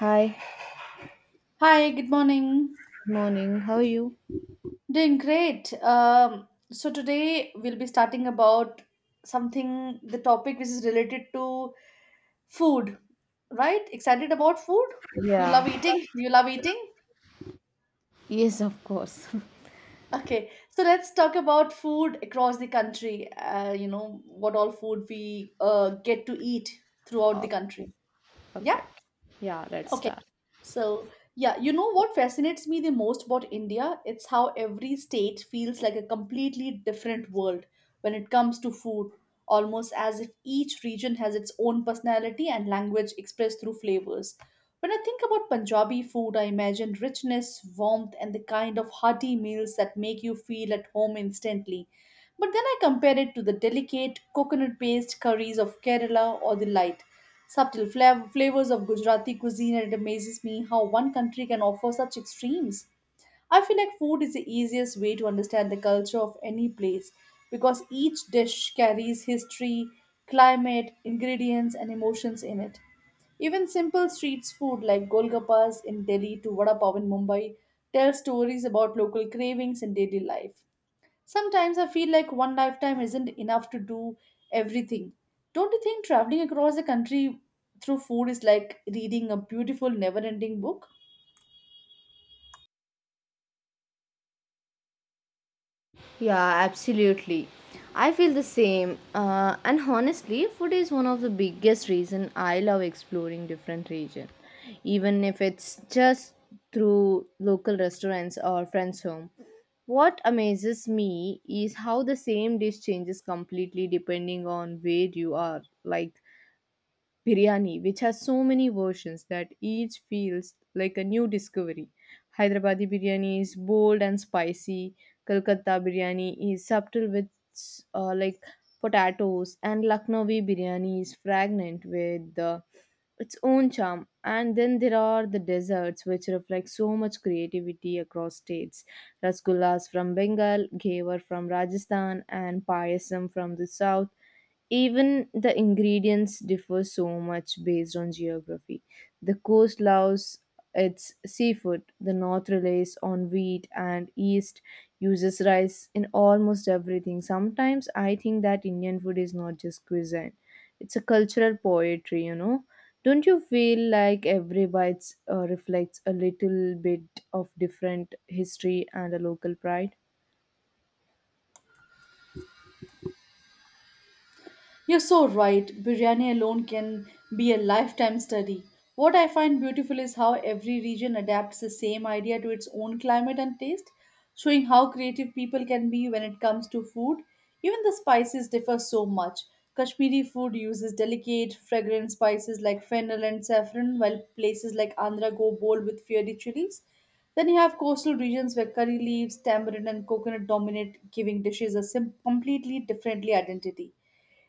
Hi, Hi, good morning. good morning. How are you? Doing great. So today we'll be starting about something, the topic which is related to food, right? Excited about food? You love Yeah, eating? You love eating? yes, of course. Okay, so let's talk about food across the country. What all food we get to eat throughout the Oh, country. Yeah? okay. Yeah, let's Okay. start. You know what fascinates me the most about India? It's how every state feels like a completely different world when it comes to food, almost as if each region has its own personality and language expressed through flavors. When I think about Punjabi food, I imagine richness, warmth, and the kind of hearty meals that make you feel at home instantly. But then I compare it to the delicate coconut based curries of Kerala or the light subtle flavors of Gujarati cuisine, and it amazes me how one country can offer such extremes. I feel like food is the easiest way to understand the culture of any place because each dish carries history, climate, ingredients, and emotions in it. Even simple street food like golgappas in Delhi to vada pav in Mumbai tell stories about local cravings and daily life. Sometimes I feel like one lifetime isn't enough to do everything. Don't you think traveling across the country through food is like reading a beautiful, never ending book? Yeah, absolutely. I feel the same. And honestly, food is one of the biggest reason I love exploring different region, even if it's just through local restaurants or friends' home. What amazes me is how the same dish changes completely depending on where you are. Like biryani, which has so many versions that each feels like a new discovery. Hyderabadi biryani is bold and spicy. Kolkata biryani is subtle with uh, like potatoes, and Lucknowi biryani is fragrant with its own charm. And then there are the desserts, which reflect so much creativity across states. Rasgullas from Bengal, Ghevar from Rajasthan, and Payasam from the south, even the ingredients differ so much based on geography. The coast loves its seafood, the north relies on wheat, and east uses rice in almost everything. Sometimes I think that Indian food is not just cuisine, it's a cultural poetry, you know. Don't you feel like every bite reflects a little bit of different history and a local pride? You're so right. Biryani alone can be a lifetime study. What I find beautiful is how every region adapts the same idea to its own climate and taste, showing how creative people can be when it comes to food. Even the spices differ so much. Kashmiri food uses delicate, fragrant spices like fennel and saffron, while places like Andhra go bold with fiery chilies. Then you have coastal regions where curry leaves, tamarind, and coconut dominate, giving dishes a completely differently identity.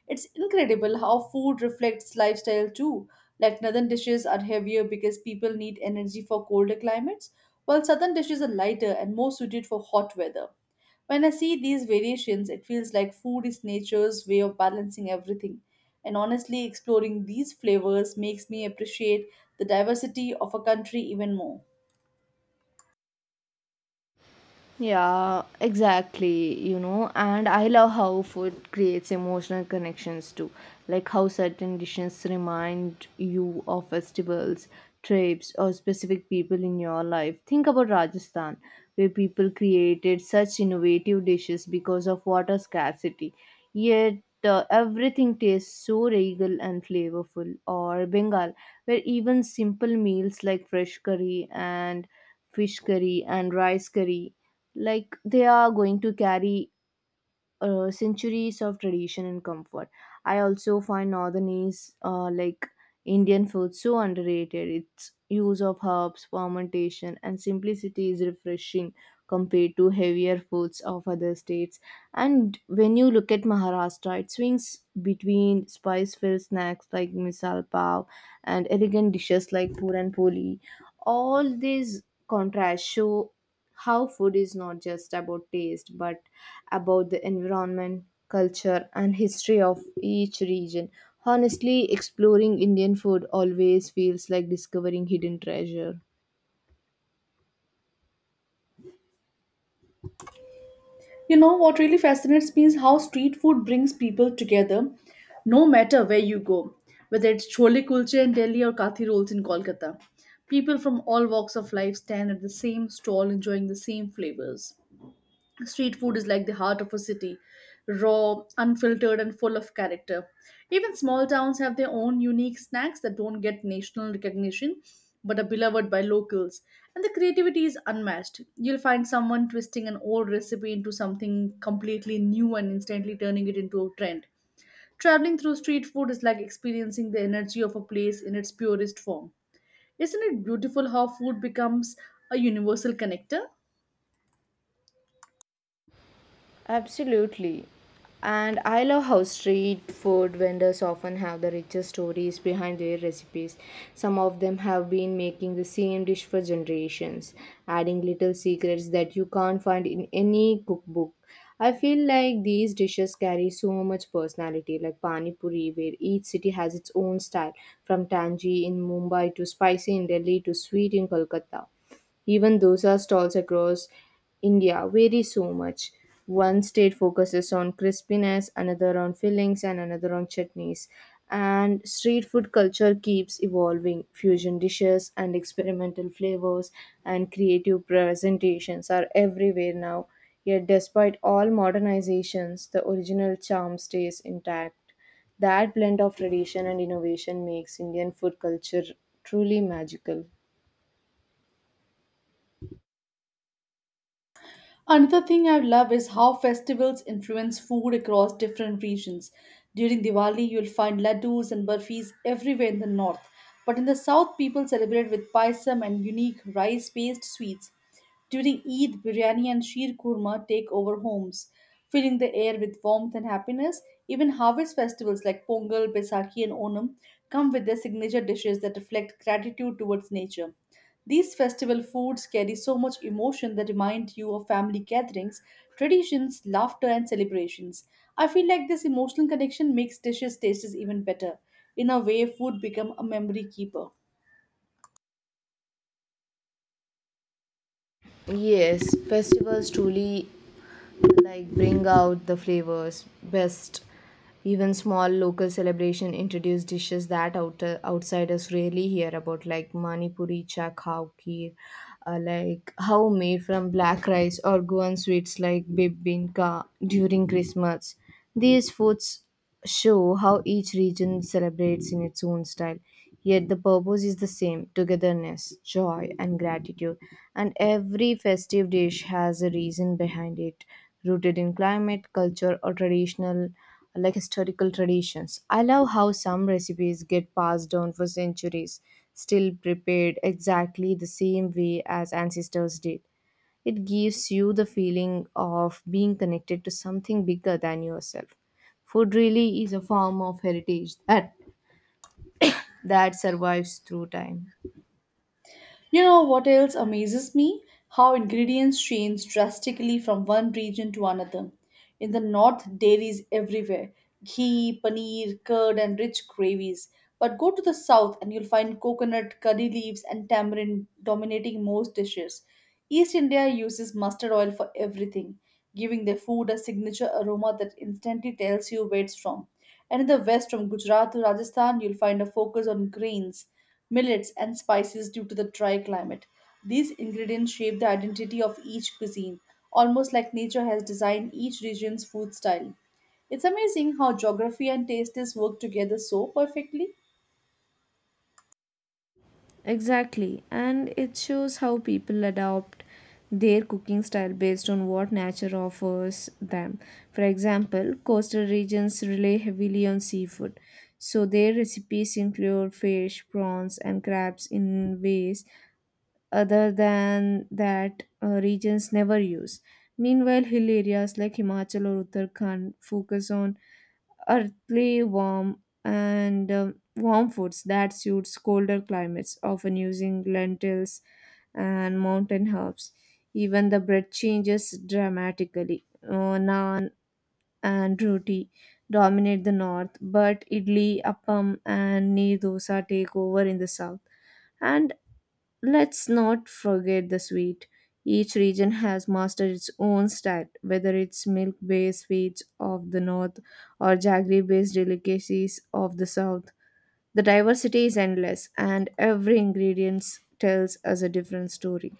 It's incredible how food reflects lifestyle too. Like northern dishes are heavier because people need energy for colder climates, while southern dishes are lighter and more suited for hot weather. When I see these variations, it feels like food is nature's way of balancing everything. And honestly, exploring these flavors makes me appreciate the diversity of a country even more. Yeah, exactly. You know, and I love how food creates emotional connections too, like how certain dishes remind you of festivals, trips, or specific people in your life. Think about Rajasthan, where people created such innovative dishes because of water scarcity, yet everything tastes so regal and flavorful. Or Bengal, where even simple meals like fresh curry and fish curry and rice curry like they are going to carry centuries of tradition and comfort. I also find northern uh, like Indian food so underrated. Its use of herbs, fermentation, and simplicity is refreshing compared to heavier foods of other states. And when you look at Maharashtra, it swings between spice-filled snacks like misal pav and elegant dishes like puran poli. All these contrasts show how food is not just about taste but about the environment, culture, and history of each region. Honestly, exploring Indian food always feels like discovering hidden treasure. You know, what really fascinates me is how street food brings people together no matter where you go, whether it's chole kulche in Delhi or kathi rolls in Kolkata. People from all walks of life stand at the same stall enjoying the same flavors. Street food is like the heart of a city, raw, unfiltered, and full of character. Even small towns have their own unique snacks that don't get national recognition but are beloved by locals. And the creativity is unmatched. You'll find someone twisting an old recipe into something completely new and instantly turning it into a trend. Traveling through street food is like experiencing the energy of a place in its purest form. Isn't it beautiful how food becomes a universal connector? Absolutely. And I love how street food vendors often have the richest stories behind their recipes. Some of them have been making the same dish for generations, adding little secrets that you can't find in any cookbook. I feel like these dishes carry so much personality, like Pani Puri, where each city has its own style, from tangy in Mumbai to spicy in Delhi to sweet in Kolkata. Even dosa stalls across India vary so much. One state focuses on crispiness, another on fillings, and another on chutneys. And street food culture keeps evolving. Fusion dishes and experimental flavors and creative presentations are everywhere now. Yet, despite all modernizations, the original charm stays intact. That blend of tradition and innovation makes Indian food culture truly magical. Another thing I love is how festivals influence food across different regions. During Diwali, you'll find laddus and burfis everywhere in the north, but in the south, people celebrate with paisam and unique rice based sweets. During Eid, biryani and sheer kurma take over homes, filling the air with warmth and happiness. Even harvest festivals like Pongal, Baisakhi, and Onam come with their signature dishes that reflect gratitude towards nature. These festival foods carry so much emotion that remind you of family gatherings, traditions, laughter, and celebrations. I feel like this emotional connection makes dishes taste even better. In a way, food become a memory keeper. Yes, festivals truly like bring out the flavors best. Even small local celebration introduce dishes that outsiders rarely hear about, like mani puri, chak, kheer, how made from black rice or Goan sweets like bibinka during Christmas. These foods show how each region celebrates in its own style. Yet the purpose is the same: togetherness, joy, and gratitude. And every festive dish has a reason behind it, rooted in climate, culture, or traditional like historical traditions. I love how some recipes get passed down for centuries, still prepared exactly the same way as ancestors did. It gives you the feeling of being connected to something bigger than yourself. Food really is a form of heritage that survives through time. You know what else amazes me? How ingredients change drastically from one region to another. In the north, dairies everywhere ghee, paneer, curd, and rich gravies. But go to the south and you'll find coconut, curry leaves, and tamarind dominating most dishes. East India uses mustard oil for everything, giving their food a signature aroma that instantly tells you where it's from. And in the west, from Gujarat to Rajasthan, you'll find a focus on grains millets, and spices due to the dry climate. These ingredients shape the identity of each cuisine, almost like nature has designed each region's food style. It's amazing how geography and tastes work together so perfectly. Exactly, and it shows how people adopt their cooking style based on what nature offers them. For example, coastal regions rely heavily on seafood, so their recipes include fish, prawns, and crabs in ways other than that regions never use. Meanwhile, hill areas like Himachal or Uttarakhand focus on earthly warm and warm foods that suits colder climates, often using lentils and mountain herbs. Even the bread changes dramatically. Naan and roti dominate the north, but idli, appam, and neer dosa take over in the south. And let's not forget the sweet. Each region has mastered its own style, whether it's milk based sweets of the north or jaggery based delicacies of the south. The diversity is endless, and every ingredient tells us a different story.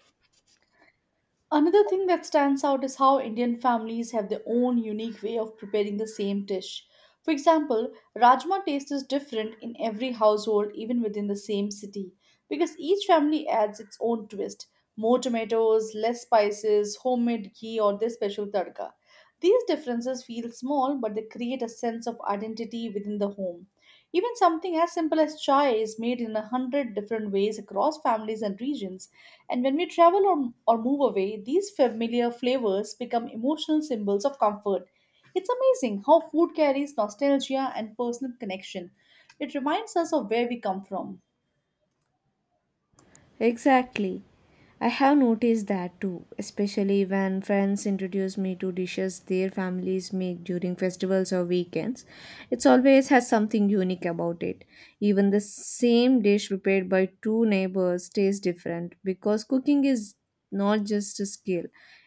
Another thing that stands out is how Indian families have their own unique way of preparing the same dish. For example, rajma taste is different in every household, even within the same city, because each family adds its own twist more tomatoes, less spices, homemade ghee, or their special tadka. These differences feel small, but they create a sense of identity within the home. Even something as simple as chai is made in a hundred different ways across families and regions, and when we travel or move away, these familiar flavors become emotional symbols of comfort. It's amazing how food carries nostalgia and personal connection. It reminds us of where we come from. Exactly. I have noticed that too, especially when friends introduce me to dishes their families make during festivals or weekends. It always has something unique about it. Even the same dish prepared by two neighbors tastes different because cooking is not just a skill,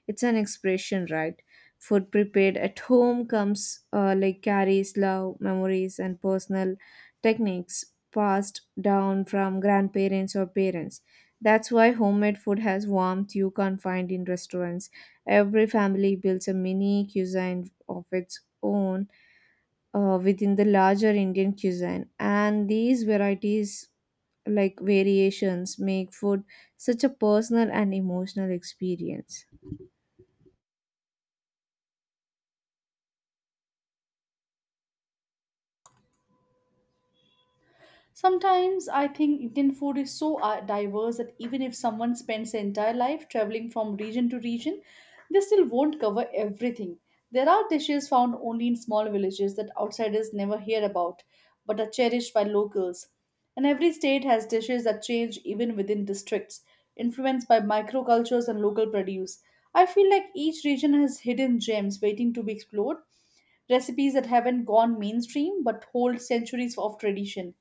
it's an expression, right? Food prepared at home comes carries love, memories, and personal techniques passed down from grandparents or parents. That's why homemade food has warmth you can't find in restaurants. Every family builds a mini cuisine of its own within the larger Indian cuisine, and these varieties like variations make food such a personal and emotional experience. Sometimes I think Indian food is so diverse that even if someone spends their entire life traveling from region to region, they still won't cover everything. There are dishes found only in small villages that outsiders never hear about but are cherished by locals. And every state has dishes that change even within districts, influenced by microcultures and local produce. I feel like each region has hidden gems waiting to be explored, recipes that haven't gone mainstream but hold centuries of tradition.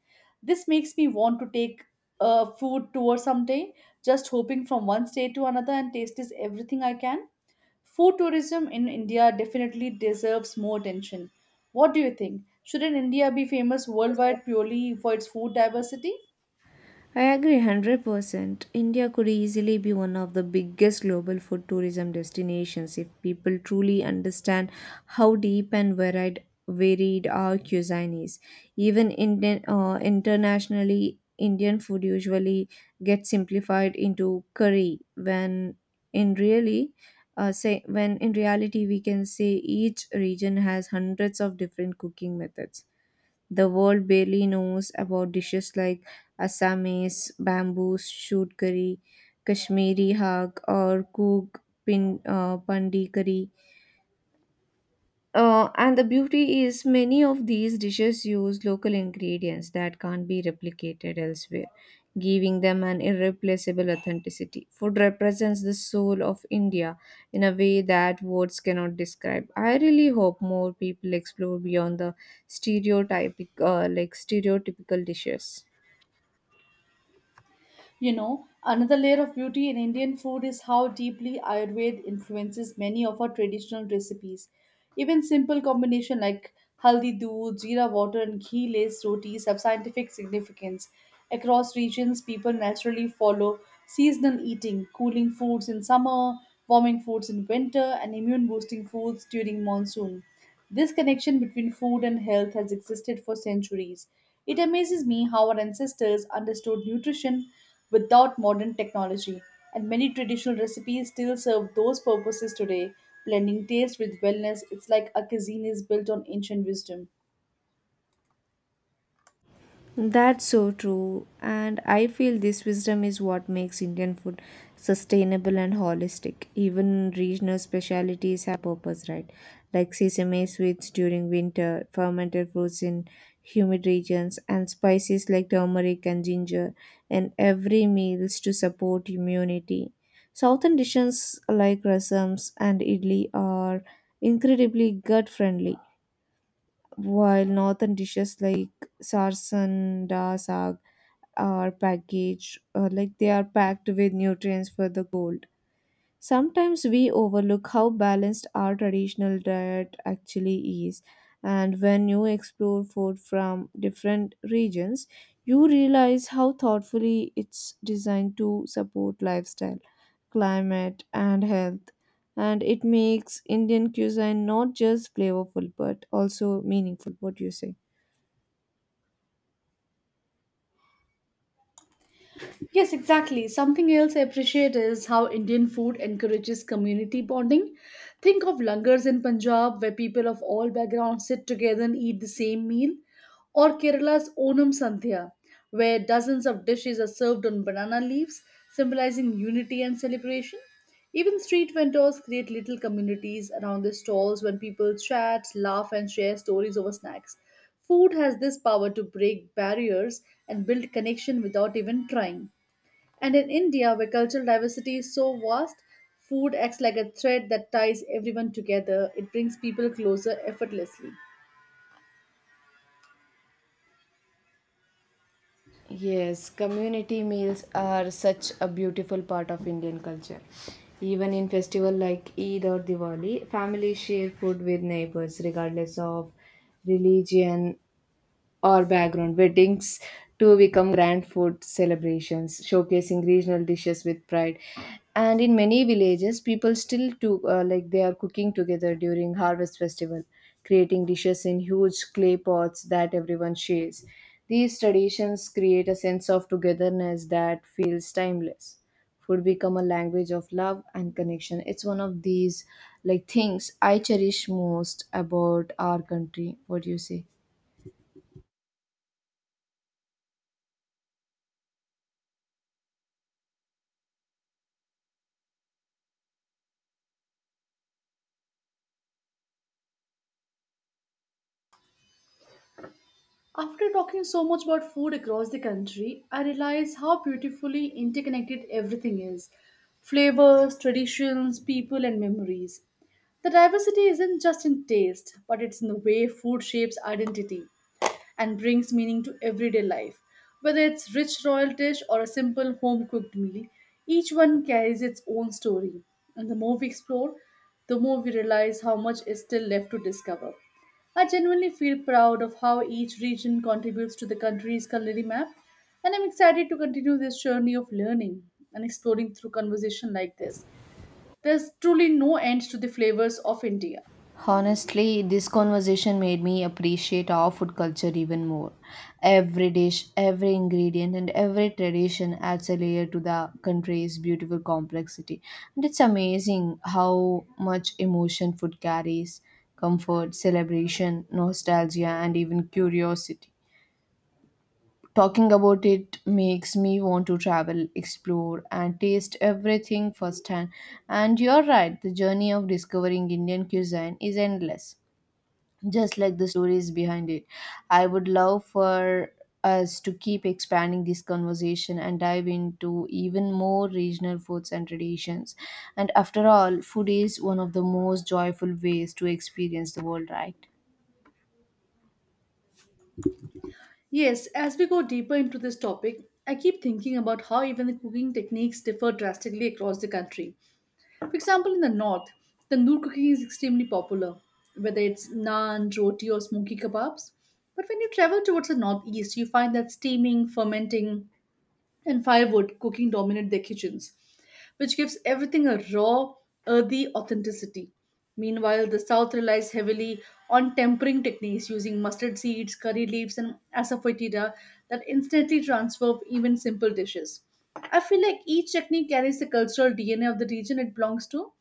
This makes me want to take a food tour someday, just hoping from one state to another and taste is everything I can. Food tourism in India definitely deserves more attention. What do you think? Shouldn't India be famous worldwide purely for its food diversity? I agree 100%. India could easily be one of the biggest global food tourism destinations if people truly understand how deep and varied our cuisine is. Even Indian, internationally, Indian food usually gets simplified into curry in really when in reality we can say each region has hundreds of different cooking methods the world barely knows about, dishes like Assamese, bamboo shoot curry, Kashmiri haq, or Kuk pin, pandi curry. And the beauty is many of these dishes use local ingredients that can't be replicated elsewhere, giving them an irreplaceable authenticity. Food represents the soul of India in a way that words cannot describe. I really hope more people explore beyond the stereotypical dishes. You know, another layer of beauty in Indian food is how deeply Ayurveda influences many of our traditional recipes. Even simple combination like haldi doodh, jeera water, and ghee laced rotis have scientific significance. Across regions, people naturally follow seasonal eating, cooling foods in summer, warming foods in winter, and immune boosting foods during monsoon. This connection between food and health has existed for centuries. It amazes me how our ancestors understood nutrition without modern technology, and many traditional recipes still serve those purposes today. Blending taste with wellness, it's like a cuisine is built on ancient wisdom. That's so true. And I feel this wisdom is what makes Indian food sustainable and holistic. Even regional specialities have purpose, right? Like sesame sweets during winter, fermented fruits in humid regions, and spices like turmeric and ginger in every meals to support immunity. Southern dishes like rasams and idli are incredibly gut friendly, while northern dishes like sarsan da saag are packaged like they are packed with nutrients for the goal. Sometimes we overlook how balanced our traditional diet actually is, and when you explore food from different regions, you realize how thoughtfully it's designed to support lifestyle, climate, and health. And it makes Indian cuisine not just flavorful but also meaningful. What do you say? Yes, exactly. Something else I appreciate is how Indian food encourages community bonding. Think of langars in Punjab where people of all backgrounds sit together and eat the same meal, or Kerala's Onam Sandhya where dozens of dishes are served on banana leaves, symbolizing unity and celebration. Even street vendors create little communities around their stalls when people chat, laugh, and share stories over snacks. Food has this power to break barriers and build connection without even trying. And in India, where cultural diversity is so vast, food acts like a thread that ties everyone together. It brings people closer effortlessly. Yes, community meals are such a beautiful part of Indian culture. Even in festival like Eid or Diwali, families share food with neighbors regardless of religion or background. Weddings to become grand food celebrations showcasing regional dishes with pride, and in many villages people still do they are cooking together during harvest festival, creating dishes in huge clay pots that everyone shares. These traditions create a sense of togetherness that feels timeless. Food become a language of love and connection. It's one of these things I cherish most about our country. What do you say? After talking so much about food across the country, I realize how beautifully interconnected everything is flavors, traditions, people, and memories. The diversity isn't just in taste, but it's in the way food shapes identity and brings meaning to everyday life. Whether it's rich royal dish or a simple home cooked meal, each one carries its own story. And the more we explore, the more we realize how much is still left to discover. I genuinely feel proud of how each region contributes to the country's culinary map, and I'm excited to continue this journey of learning and exploring through conversation like this. There's truly no end to the flavors of India. Honestly, this conversation made me appreciate our food culture even more. Every dish, every ingredient, and every tradition adds a layer to the country's beautiful complexity. And it's amazing how much emotion food carries: comfort, celebration, nostalgia, and even curiosity. Talking about it makes me want to travel, explore, and taste everything firsthand. And you're right, the journey of discovering Indian cuisine is endless, just like the stories behind it. I would love for us to keep expanding this conversation and dive into even more regional foods and traditions. And after all, food is one of the most joyful ways to experience the world, right? Yes, as we go deeper into this topic, I keep thinking about how even the cooking techniques differ drastically across the country. For example, in the north, tandoor cooking is extremely popular, whether it's naan, roti, or smoky kebabs. But when you travel towards the northeast, you find that steaming, fermenting, and firewood cooking dominate their kitchens, which gives everything a raw, earthy authenticity. Meanwhile, the South relies heavily on tempering techniques using mustard seeds, curry leaves, and asafoetida that instantly transform even simple dishes. I feel like each technique carries the cultural DNA of the region it belongs to.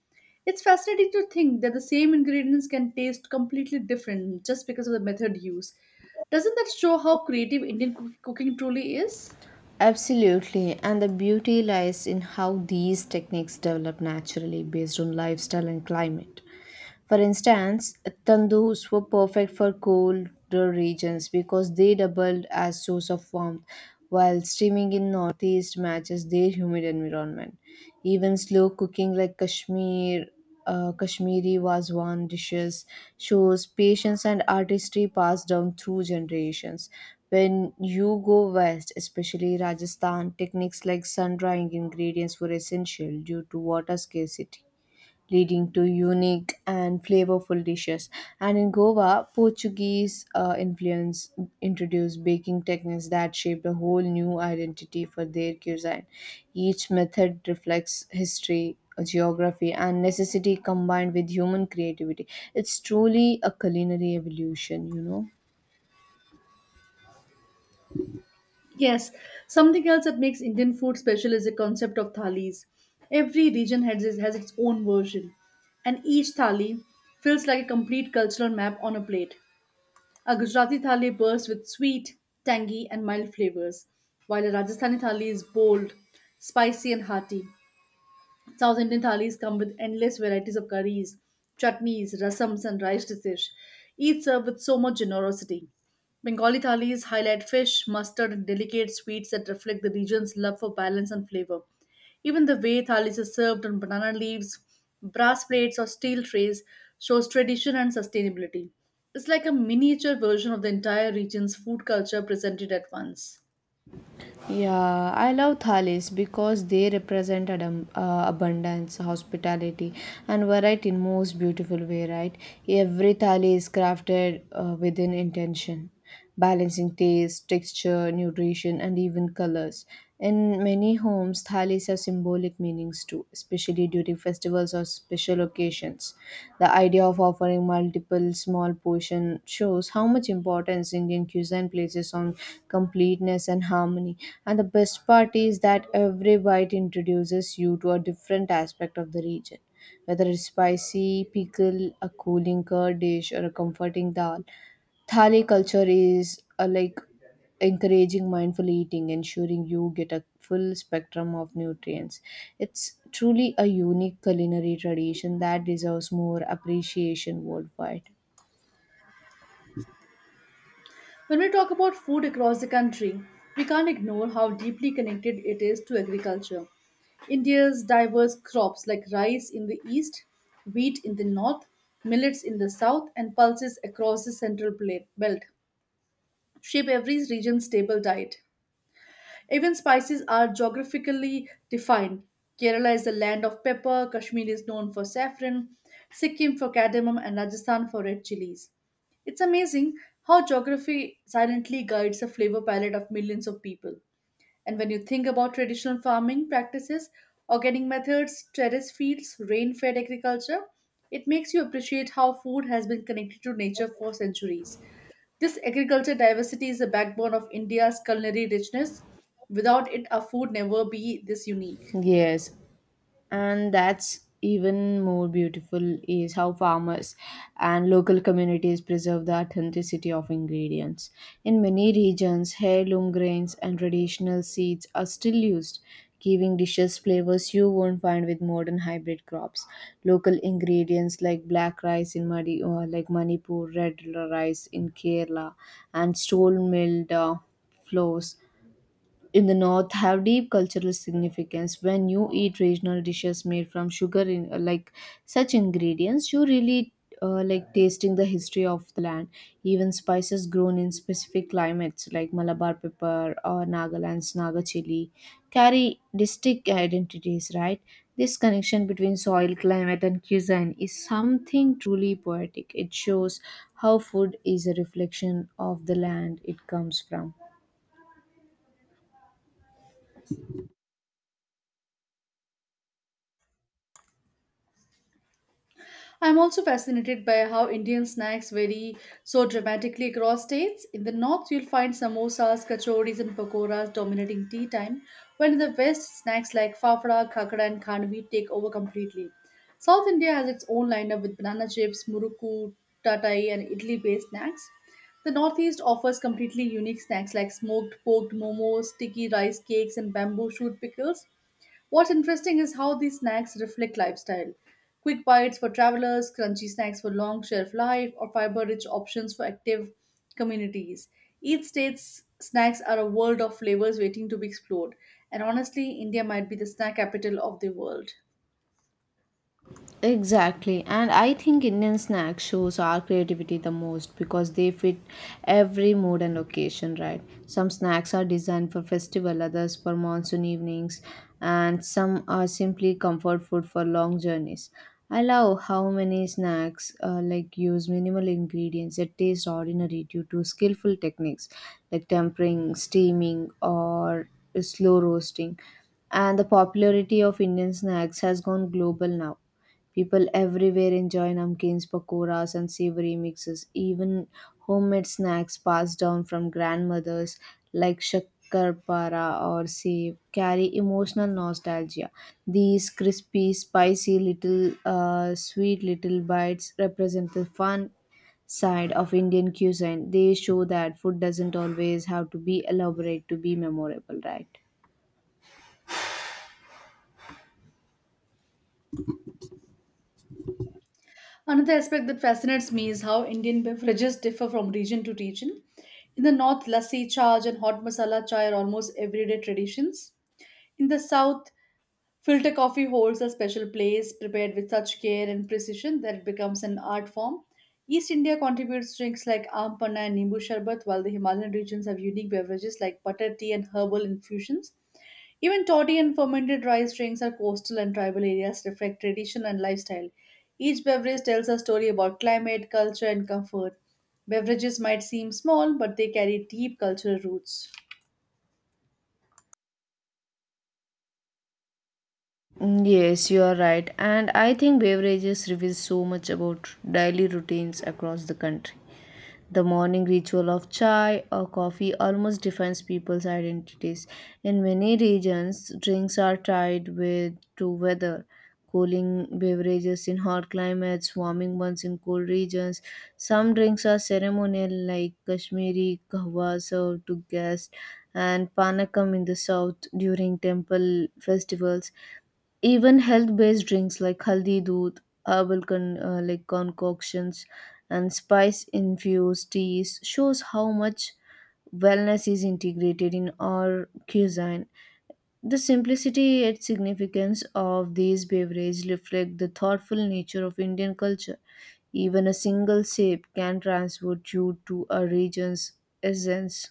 It's fascinating to think that the same ingredients can taste completely different just because of the method used. Doesn't that show how creative Indian cooking truly is? Absolutely, and the beauty lies in how these techniques develop naturally based on lifestyle and climate. For instance, tandus were perfect for colder regions because they doubled as source of warmth, while steaming in northeast matches their humid environment. Even slow cooking like Kashmiri Wazwan dishes shows patience and artistry passed down through generations. When you go west, especially Rajasthan, techniques like sun drying ingredients were essential due to water scarcity, leading to unique and flavorful dishes. And in Goa, Portuguese influence introduced baking techniques that shaped a whole new identity for their cuisine. Each method reflects history, geography, and necessity combined with human creativity. It's truly a culinary evolution, you know. Yes, something else that makes Indian food special is the concept of thalis. Every region has its own version, and each thali feels like a complete cultural map on a plate. A Gujarati thali bursts with sweet, tangy, and mild flavors, while a Rajasthani thali is bold, spicy, and hearty. South Indian thalis come with endless varieties of curries, chutneys, rasams, and rice dishes, each served with so much generosity. Bengali thalis highlight fish, mustard, and delicate sweets that reflect the region's love for balance and flavor. Even the way thalis is served on banana leaves, brass plates, or steel trays shows tradition and sustainability. It's like a miniature version of the entire region's food culture presented at once. Yeah, I love thalis because they represent abundance, hospitality, and variety in most beautiful way, right? Every Thali is crafted within intention, balancing taste, texture, nutrition, and even colors. In many homes, thalis have symbolic meanings too, especially during festivals or special occasions. The idea of offering multiple small portion shows how much importance Indian cuisine places on completeness and harmony. And the best part is that every bite introduces you to a different aspect of the region. Whether it's spicy, pickle, a cooling curd dish, or a comforting dal, Thali culture is encouraging mindful eating, ensuring you get a full spectrum of nutrients. It's truly a unique culinary tradition that deserves more appreciation worldwide. When we talk about food across the country, we can't ignore how deeply connected it is to agriculture. India's diverse crops like rice in the east, wheat in the north, millets in the south, and pulses across the belt shape every region's stable diet. Even spices are geographically defined. Kerala is the land of pepper, Kashmir is known for saffron, Sikkim for cardamom, and Rajasthan for red chilies. It's amazing how geography silently guides the flavor palette of millions of people. And when you think about traditional farming practices, organic methods, terrace fields, rain fed agriculture, it makes you appreciate how food has been connected to nature for centuries. This agriculture diversity is the backbone of India's culinary richness. Without it, our food never be this unique. Yes, and that's even more beautiful is how farmers and local communities preserve the authenticity of ingredients in many regions. Heirloom grains and traditional seeds are still used, giving dishes flavors you won't find with modern hybrid crops. Local ingredients like black rice in Madi, or like Manipur red rice in Kerala, and stone milled flours in the north have deep cultural significance. When you eat regional dishes made from sugar in such ingredients, you really tasting the history of the land. Even spices grown in specific climates like Malabar pepper or Nagaland's Naga chili carry distinct identities, right? This connection between soil, climate and cuisine is something truly poetic. It shows how food is a reflection of the land it comes from. I'm also fascinated by how Indian snacks vary so dramatically across states. In the north, you'll find samosas, kachoris, and pakoras dominating tea time, while in the west, snacks like fafra, khakra, and khanvi take over completely. South India has its own lineup with banana chips, muruku, tatai, and idli based snacks. The Northeast offers completely unique snacks like smoked, poked momos, sticky rice cakes, and bamboo shoot pickles. What's interesting is how these snacks reflect lifestyle. Quick bites for travelers, crunchy snacks for long shelf life, or fiber rich options for active communities. Each state's snacks are a world of flavors waiting to be explored, and honestly, India might be the snack capital of the world. Exactly, and I think Indian snack shows our creativity the most because they fit every mood and occasion, right? Some snacks are designed for festival, others for monsoon evenings, and some are simply comfort food for long journeys. I love how many snacks use minimal ingredients that taste ordinary due to skillful techniques like tempering, steaming, or slow roasting. And the popularity of Indian snacks has gone global now. People everywhere enjoy namkeens, pakoras, and savory mixes. Even homemade snacks passed down from grandmothers, like shakkarpara or sev, carry emotional nostalgia. These crispy, spicy little, sweet little bites represent the fun side of Indian cuisine. They show that food doesn't always have to be elaborate to be memorable, right? Another aspect that fascinates me is how Indian beverages differ from region to region. In the north, lassi, chaaj, and hot masala chai are almost everyday traditions. In the south, filter coffee holds a special place, prepared with such care and precision that it becomes an art form. East India contributes drinks like aam panna and nimbu sharbat, while the Himalayan regions have unique beverages like butter tea and herbal infusions. Even toddy and fermented rice drinks are coastal and tribal areas reflect tradition and lifestyle. Each beverage tells a story about climate, culture, and comfort. Beverages might seem small, but they carry deep cultural roots. Yes, you are right. And I think beverages reveal so much about daily routines across the country. The morning ritual of chai or coffee almost defines people's identities. In many regions, drinks are tied with to weather. Cooling beverages in hot climates, warming ones in cold regions. Some drinks are ceremonial, like Kashmiri kahwa served to guests, and panakam in the south during temple festivals. Even health-based drinks like haldi doodh, herbal concoctions, and spice-infused teas shows how much wellness is integrated in our cuisine. The simplicity and significance of these beverages reflect the thoughtful nature of Indian culture. Even a single sip can transport you to a region's essence.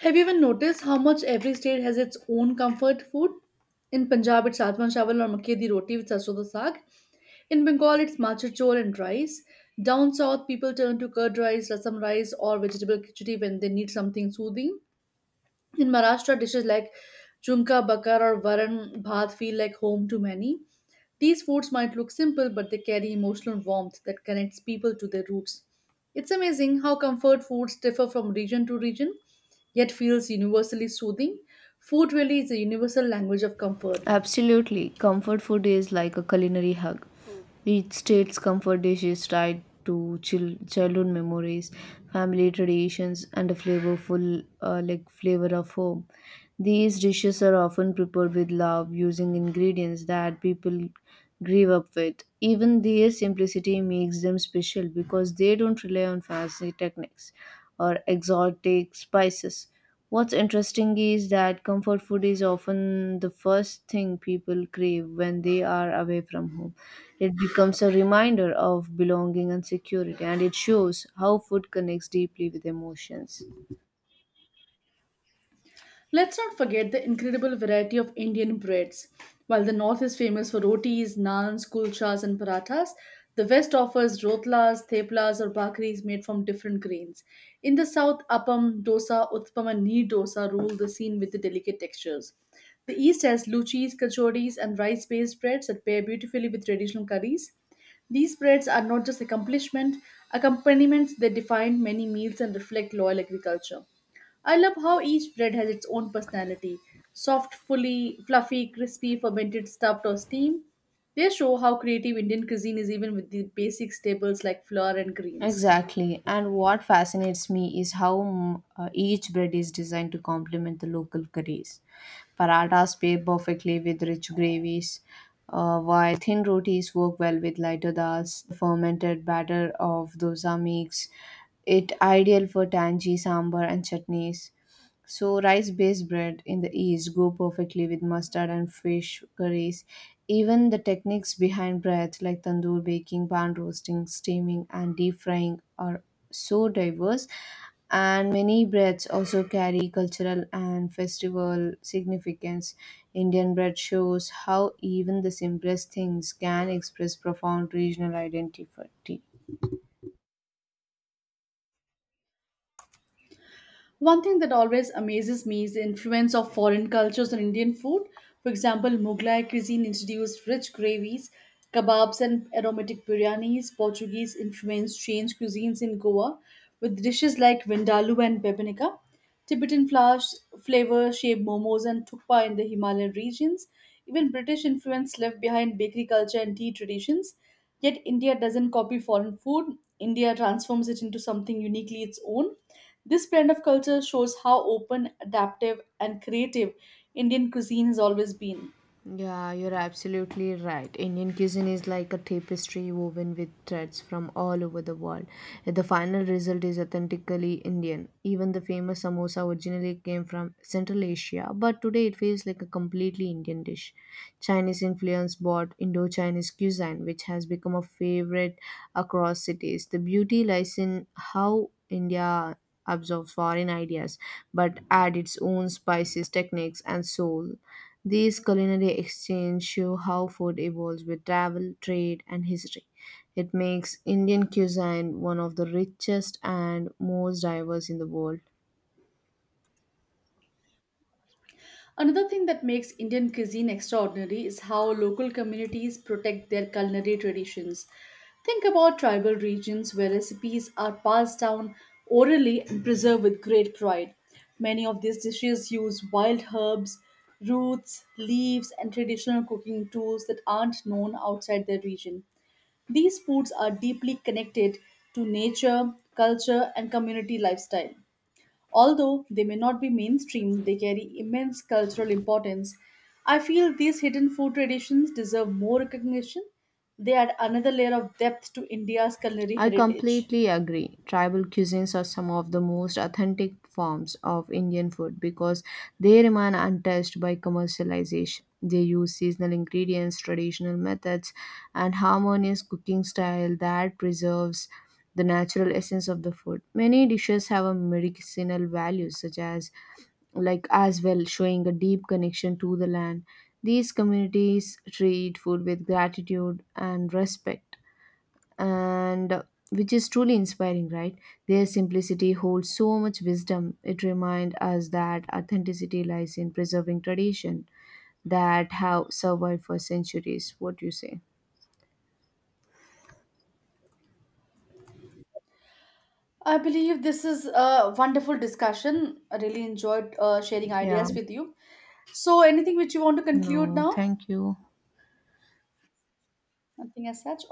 Have you even noticed how much every state has its own comfort food? In Punjab, it's satwan chawal or makke di roti with sarson da saag. In Bengal, it's machar chor and rice. Down south, people turn to curd rice, rasam rice, or vegetable khichdi when they need something soothing. In Maharashtra, dishes like chumka bakar or varan bhat feel like home to many. These foods might look simple, but they carry emotional warmth that connects people to their roots. It's amazing how comfort foods differ from region to region, yet feels universally soothing. Food really is a universal language of comfort. Absolutely. Comfort food is like a culinary hug. Each state's comfort dish is tied to childhood memories, family traditions, and a flavorful flavor of home. These dishes are often prepared with love, using ingredients that people grieve up with. Even their simplicity makes them special because they don't rely on fancy techniques or exotic spices. What's interesting is that comfort food is often the first thing people crave when they are away from home. It becomes a reminder of belonging and security, and it shows how food connects deeply with emotions. Let's not forget the incredible variety of Indian breads. While the north is famous for rotis, naans, kulchas, and parathas, the west offers rotlas, theplas, or bhakris made from different grains. In the south, appam, dosa, utpam, and neer dosa rule the scene with the delicate textures. The east has luchis, kachoris, and rice based breads that pair beautifully with traditional curries. These breads are not just accompaniments, they define many meals and reflect loyal agriculture. I love how each bread has its own personality soft, fully, fluffy, crispy, fermented, stuffed, or steamed. They show how creative Indian cuisine is even with the basic staples like flour and greens. Exactly. And what fascinates me is how each bread is designed to complement the local curries. Parathas pair perfectly with rich gravies, while thin rotis work well with lighter dals. The fermented batter of dosa makes it ideal for tangy sambar and chutneys. So rice-based bread in the East go perfectly with mustard and fish curries. Even the techniques behind breads like tandoor baking, pan roasting, steaming, and deep frying are so diverse. And many breads also carry cultural and festival significance. Indian bread shows how even the simplest things can express profound regional identity. One thing that always amazes me is the influence of foreign cultures on Indian food. For example, Mughlai cuisine introduced rich gravies, kebabs, and aromatic biryanis. Portuguese influence changed cuisines in Goa with dishes like vindaloo and bebenika. Tibetan flowers, flavor shaped momos and thukpa in the Himalayan regions. Even British influence left behind bakery culture and tea traditions. Yet India doesn't copy foreign food. India transforms it into something uniquely its own. This blend of culture shows how open, adaptive, and creative Indian cuisine has always been. Yeah, you're absolutely right. Indian cuisine is like a tapestry woven with threads from all over the world. The final result is authentically Indian. Even the famous samosa originally came from Central Asia, but today it feels like a completely Indian dish. Chinese influence brought Indo-Chinese cuisine, which has become a favorite across cities. The beauty lies in how India absorbs foreign ideas, but add its own spices, techniques, and soul. These culinary exchanges show how food evolves with travel, trade, and history. It makes Indian cuisine one of the richest and most diverse in the world. Another thing that makes Indian cuisine extraordinary is how local communities protect their culinary traditions. Think about tribal regions where recipes are passed down orally and preserved with great pride. Many of these dishes use wild herbs, roots, leaves, and traditional cooking tools that aren't known outside their region. These foods are deeply connected to nature, culture, and community lifestyle. Although they may not be mainstream, they carry immense cultural importance. I feel these hidden food traditions deserve more recognition. They add another layer of depth to India's culinary I heritage. completely agree. Tribal cuisines are some of the most authentic forms of Indian food because they remain untouched by commercialization. They use seasonal ingredients, traditional methods, and harmonious cooking style that preserves the natural essence of the food. Many dishes have a medicinal value, such as like as well, showing a deep connection to the land. These communities treat food with gratitude and respect, and which is truly inspiring, right? Their simplicity holds so much wisdom. It reminds us that authenticity lies in preserving tradition that have survived for centuries. What do you say? I believe this is a wonderful discussion. I really enjoyed sharing Yeah. ideas with you. So, anything which you want to conclude No, now? thank you. Nothing as such?